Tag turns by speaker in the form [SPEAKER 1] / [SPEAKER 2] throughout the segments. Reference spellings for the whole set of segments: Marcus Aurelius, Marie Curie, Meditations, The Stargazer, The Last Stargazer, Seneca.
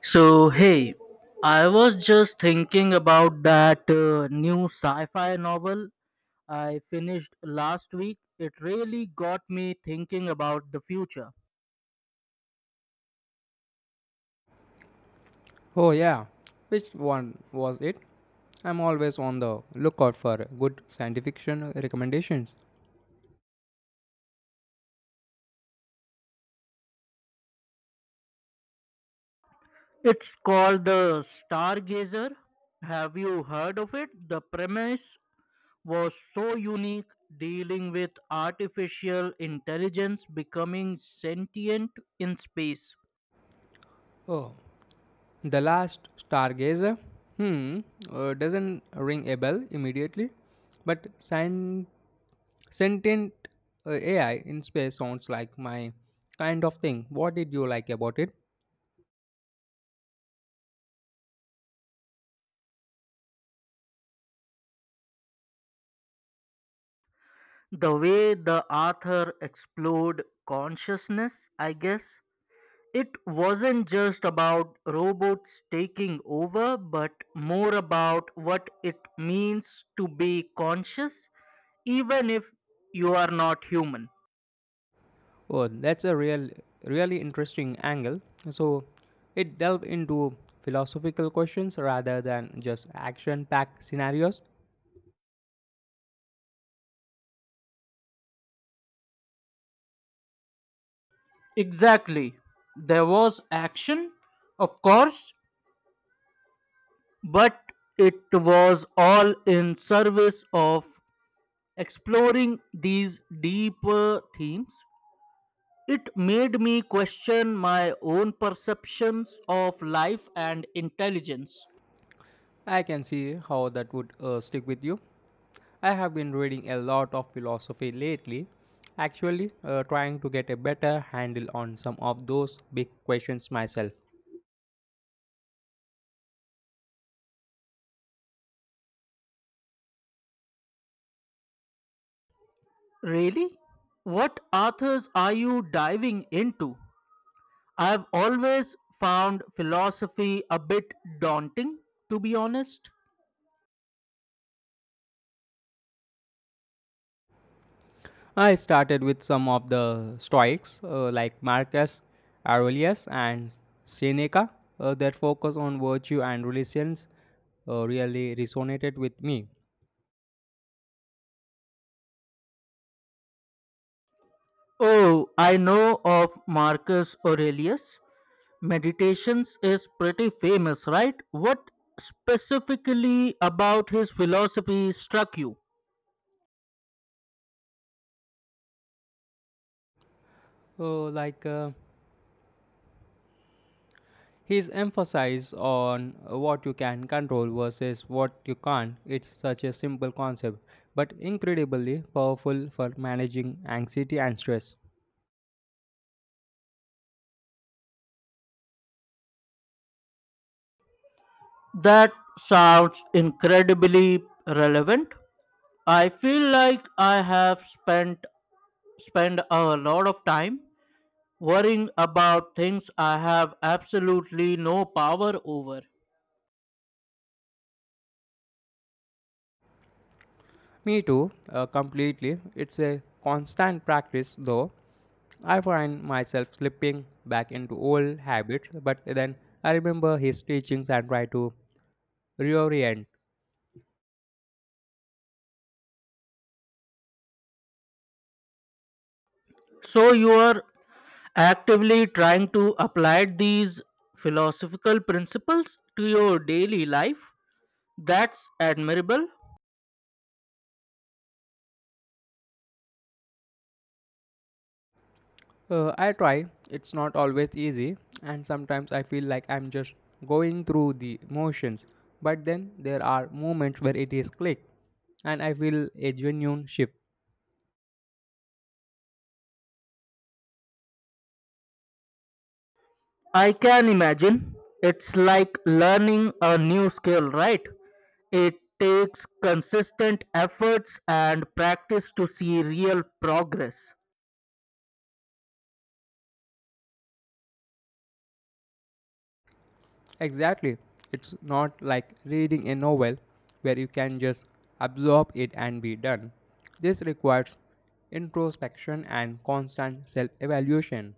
[SPEAKER 1] So, hey, I was just thinking about that new sci fi novel I finished last week. It really got me thinking about the future.
[SPEAKER 2] Oh, yeah. Which one was it? I'm always on the lookout for good science fiction recommendations.
[SPEAKER 1] It's called The Stargazer. Have you heard of it? The premise was so unique, dealing with artificial intelligence becoming sentient in space.
[SPEAKER 2] Oh, The Last Stargazer? Hmm, doesn't ring a bell immediately, but sentient AI in space sounds like my kind of thing. What did you like about it?
[SPEAKER 1] The way the author explored consciousness, I guess, it wasn't just about robots taking over, but more about what it means to be conscious, even if you are not human.
[SPEAKER 2] Oh, really interesting angle. So, it delved into philosophical questions rather than just action-packed scenarios.
[SPEAKER 1] Exactly. There was action, of course, but it was all in service of exploring these deeper themes. It made me question my own perceptions of life and intelligence.
[SPEAKER 2] I can see how that would stick with you. I have been reading a lot of philosophy lately, actually, trying to get a better handle on some of those big questions myself.
[SPEAKER 1] Really? What authors are you diving into? I've always found philosophy a bit daunting, to be honest.
[SPEAKER 2] I started with some of the Stoics, like Marcus Aurelius and Seneca. Their focus on virtue and religions really resonated with me.
[SPEAKER 1] Oh, I know of Marcus Aurelius. Meditations is pretty famous, right? What specifically about his philosophy struck you?
[SPEAKER 2] Uh, like, uh, His emphasis on what you can control versus what you can't, it's such a simple concept, but incredibly powerful for managing anxiety and stress.
[SPEAKER 1] That sounds incredibly relevant. I feel like I have spent a lot of time worrying about things I have absolutely no power over.
[SPEAKER 2] Me too, completely. It's a constant practice though. I find myself slipping back into old habits, but then I remember his teachings and try to reorient.
[SPEAKER 1] So, you are actively trying to apply these philosophical principles to your daily life. That's admirable.
[SPEAKER 2] I try. It's not always easy, and sometimes I feel like I'm just going through the motions. But then there are moments where it is click, and I feel a genuine shift.
[SPEAKER 1] I can imagine. It's like learning a new skill, right? It takes consistent efforts and practice to see real progress.
[SPEAKER 2] Exactly. It's not like reading a novel where you can just absorb it and be done. This requires introspection and constant self evaluation.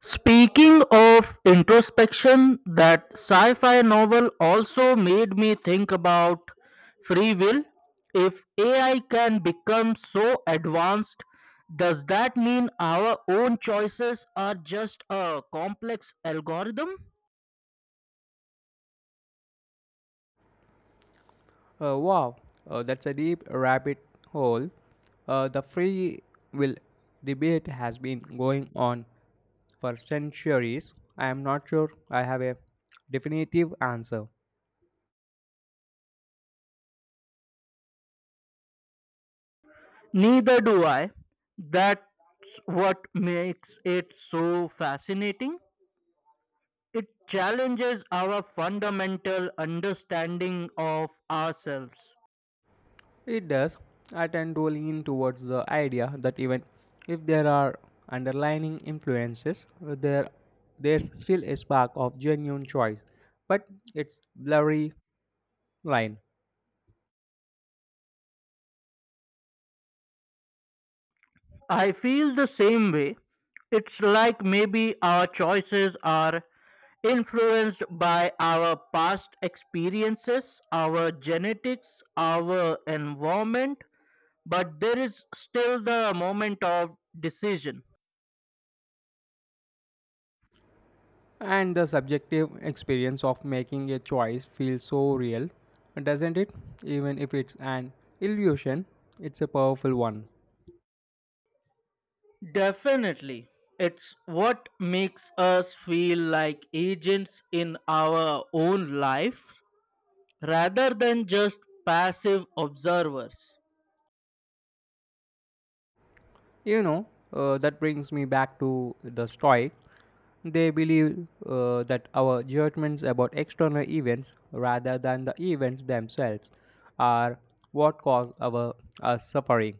[SPEAKER 1] Speaking of introspection, that sci fi novel also made me think about free will. If AI can become so advanced, does that mean our own choices are just a complex algorithm?
[SPEAKER 2] Wow, that's a deep rabbit hole. The free will debate has been going on for centuries. I am not sure I have a definitive answer.
[SPEAKER 1] Neither do I. That's what makes it so fascinating. It challenges our fundamental understanding of ourselves.
[SPEAKER 2] It does. I tend to lean towards the idea that even if there are underlying influences, there's still a spark of genuine choice, but it's blurry line.
[SPEAKER 1] I feel the same way. It's like maybe our choices are influenced by our past experiences, our genetics, our environment, but there is still the moment of decision.
[SPEAKER 2] And the subjective experience of making a choice feels so real, doesn't it? Even if it's an illusion, it's a powerful one.
[SPEAKER 1] Definitely. It's what makes us feel like agents in our own life rather than just passive observers.
[SPEAKER 2] You know, that brings me back to the Stoic. They believe that our judgments about external events, rather than the events themselves, are what cause our us suffering.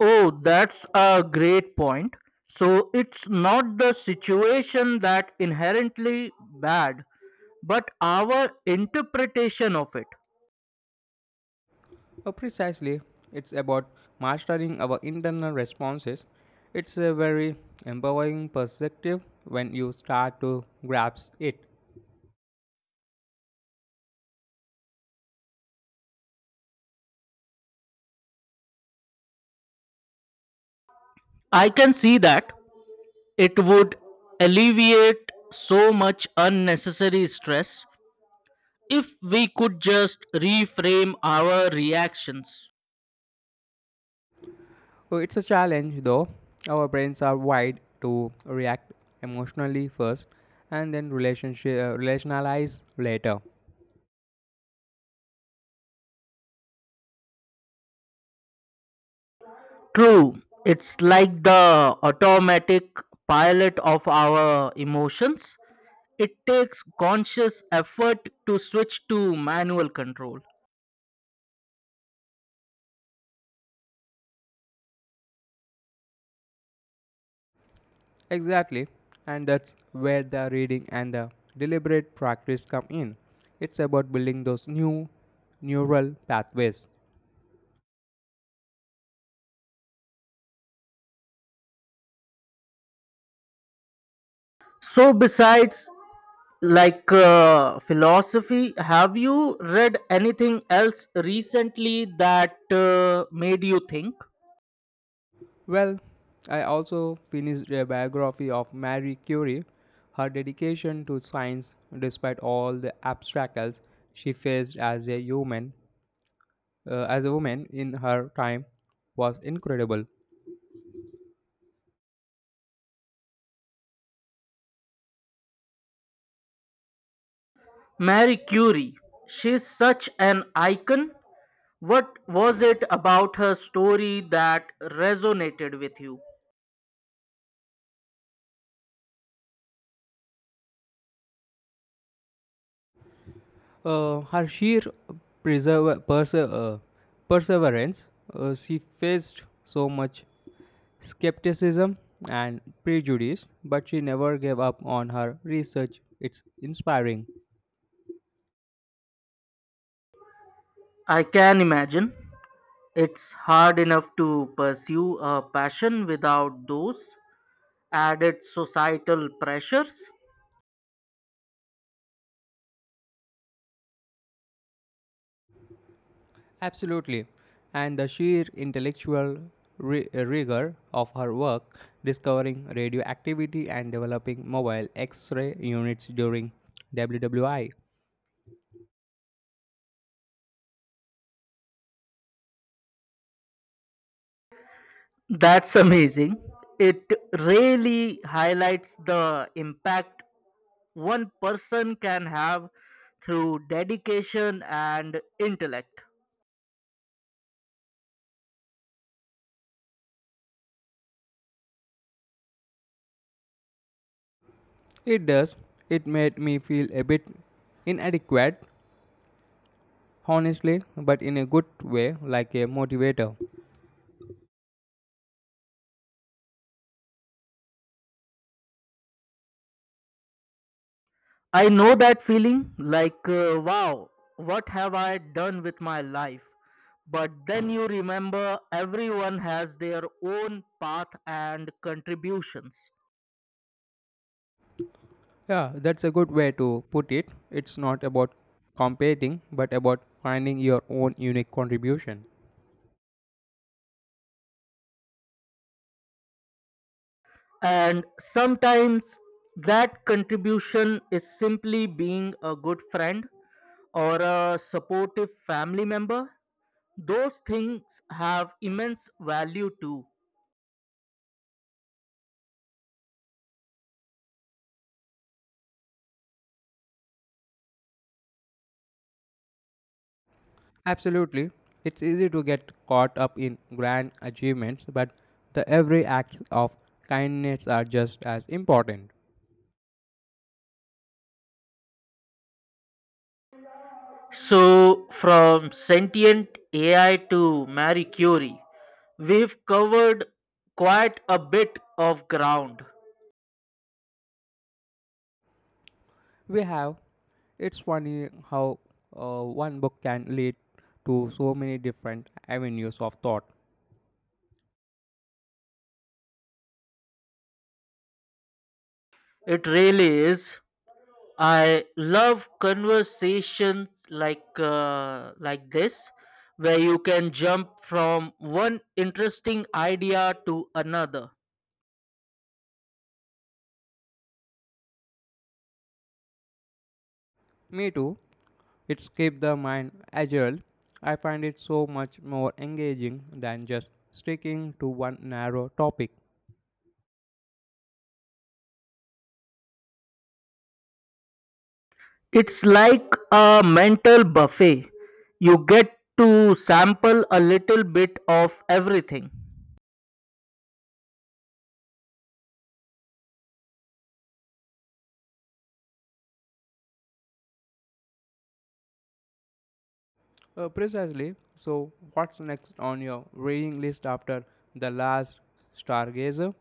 [SPEAKER 1] Oh, that's a great point. So it's not the situation that inherently bad, but our interpretation of it.
[SPEAKER 2] Oh, precisely. It's about mastering our internal responses. It's a very empowering perspective when you start to grasp it.
[SPEAKER 1] I can see that it would alleviate so much unnecessary stress if we could just reframe our reactions.
[SPEAKER 2] Oh, it's a challenge though. Our brains are wired to react emotionally first and then relationalize later.
[SPEAKER 1] True, it's like the automatic pilot of our emotions. It takes conscious effort to switch to manual control.
[SPEAKER 2] Exactly. And that's where the reading and the deliberate practice come in. It's about building those new neural pathways.
[SPEAKER 1] So, besides philosophy, have you read anything else recently that made you think?
[SPEAKER 2] Well, I also finished a biography of Marie Curie. Her dedication to science, despite all the obstacles she faced as a human, as a woman in her time, was incredible.
[SPEAKER 1] Mary Curie, she's such an icon. What was it about her story that resonated with you?
[SPEAKER 2] Her sheer preserve, perse- uh, perseverance, she faced so much skepticism and prejudice, but she never gave up on her research. It's inspiring.
[SPEAKER 1] I can imagine. It's hard enough to pursue a passion without those added societal pressures.
[SPEAKER 2] Absolutely. And the sheer intellectual rigor of her work, discovering radioactivity and developing mobile X ray units during WWI.
[SPEAKER 1] That's amazing. It really highlights the impact one person can have through dedication and intellect.
[SPEAKER 2] It does. It made me feel a bit inadequate, honestly, but in a good way, like a motivator.
[SPEAKER 1] I know that feeling like, wow, what have I done with my life? But then you remember everyone has their own path and contributions.
[SPEAKER 2] Yeah, that's a good way to put it. It's not about competing, but about finding your own unique contribution.
[SPEAKER 1] And sometimes that contribution is simply being a good friend or a supportive family member. Those things have immense value too.
[SPEAKER 2] Absolutely. It's easy to get caught up in grand achievements, but the every acts of kindness are just as important.
[SPEAKER 1] So, from sentient AI to Marie Curie, we've covered quite a bit of ground.
[SPEAKER 2] We have. It's funny how one book can lead to so many different avenues of thought.
[SPEAKER 1] It really is. I love conversations like this, where you can jump from one interesting idea to another.
[SPEAKER 2] Me too. It's keep the mind agile. I find it so much more engaging than just sticking to one narrow topic.
[SPEAKER 1] It's like a mental buffet. You get to sample a little bit of everything.
[SPEAKER 2] Precisely. So, what's next on your reading list after The Last Stargazer?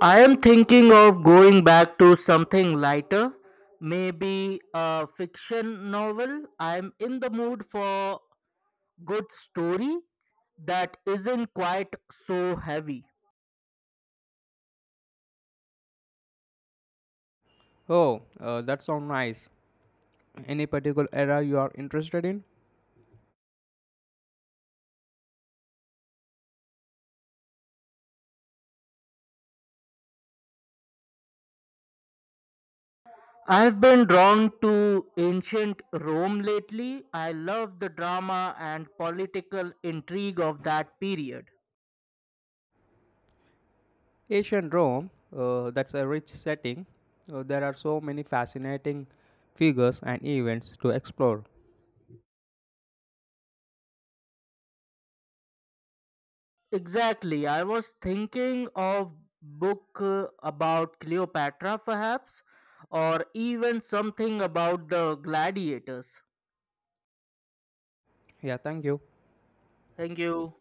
[SPEAKER 1] I am thinking of going back to something lighter, maybe a fiction novel. I'm in the mood for good story that isn't quite so heavy.
[SPEAKER 2] Oh, that sounds nice. Any particular era you are interested in?
[SPEAKER 1] I've been drawn to ancient Rome lately. I love the drama and political intrigue of that period.
[SPEAKER 2] Ancient Rome, that's a rich setting. There are so many fascinating figures and events to explore.
[SPEAKER 1] Exactly. I was thinking of book about Cleopatra perhaps, or even something about the gladiators.
[SPEAKER 2] Yeah, thank you.
[SPEAKER 1] Thank you.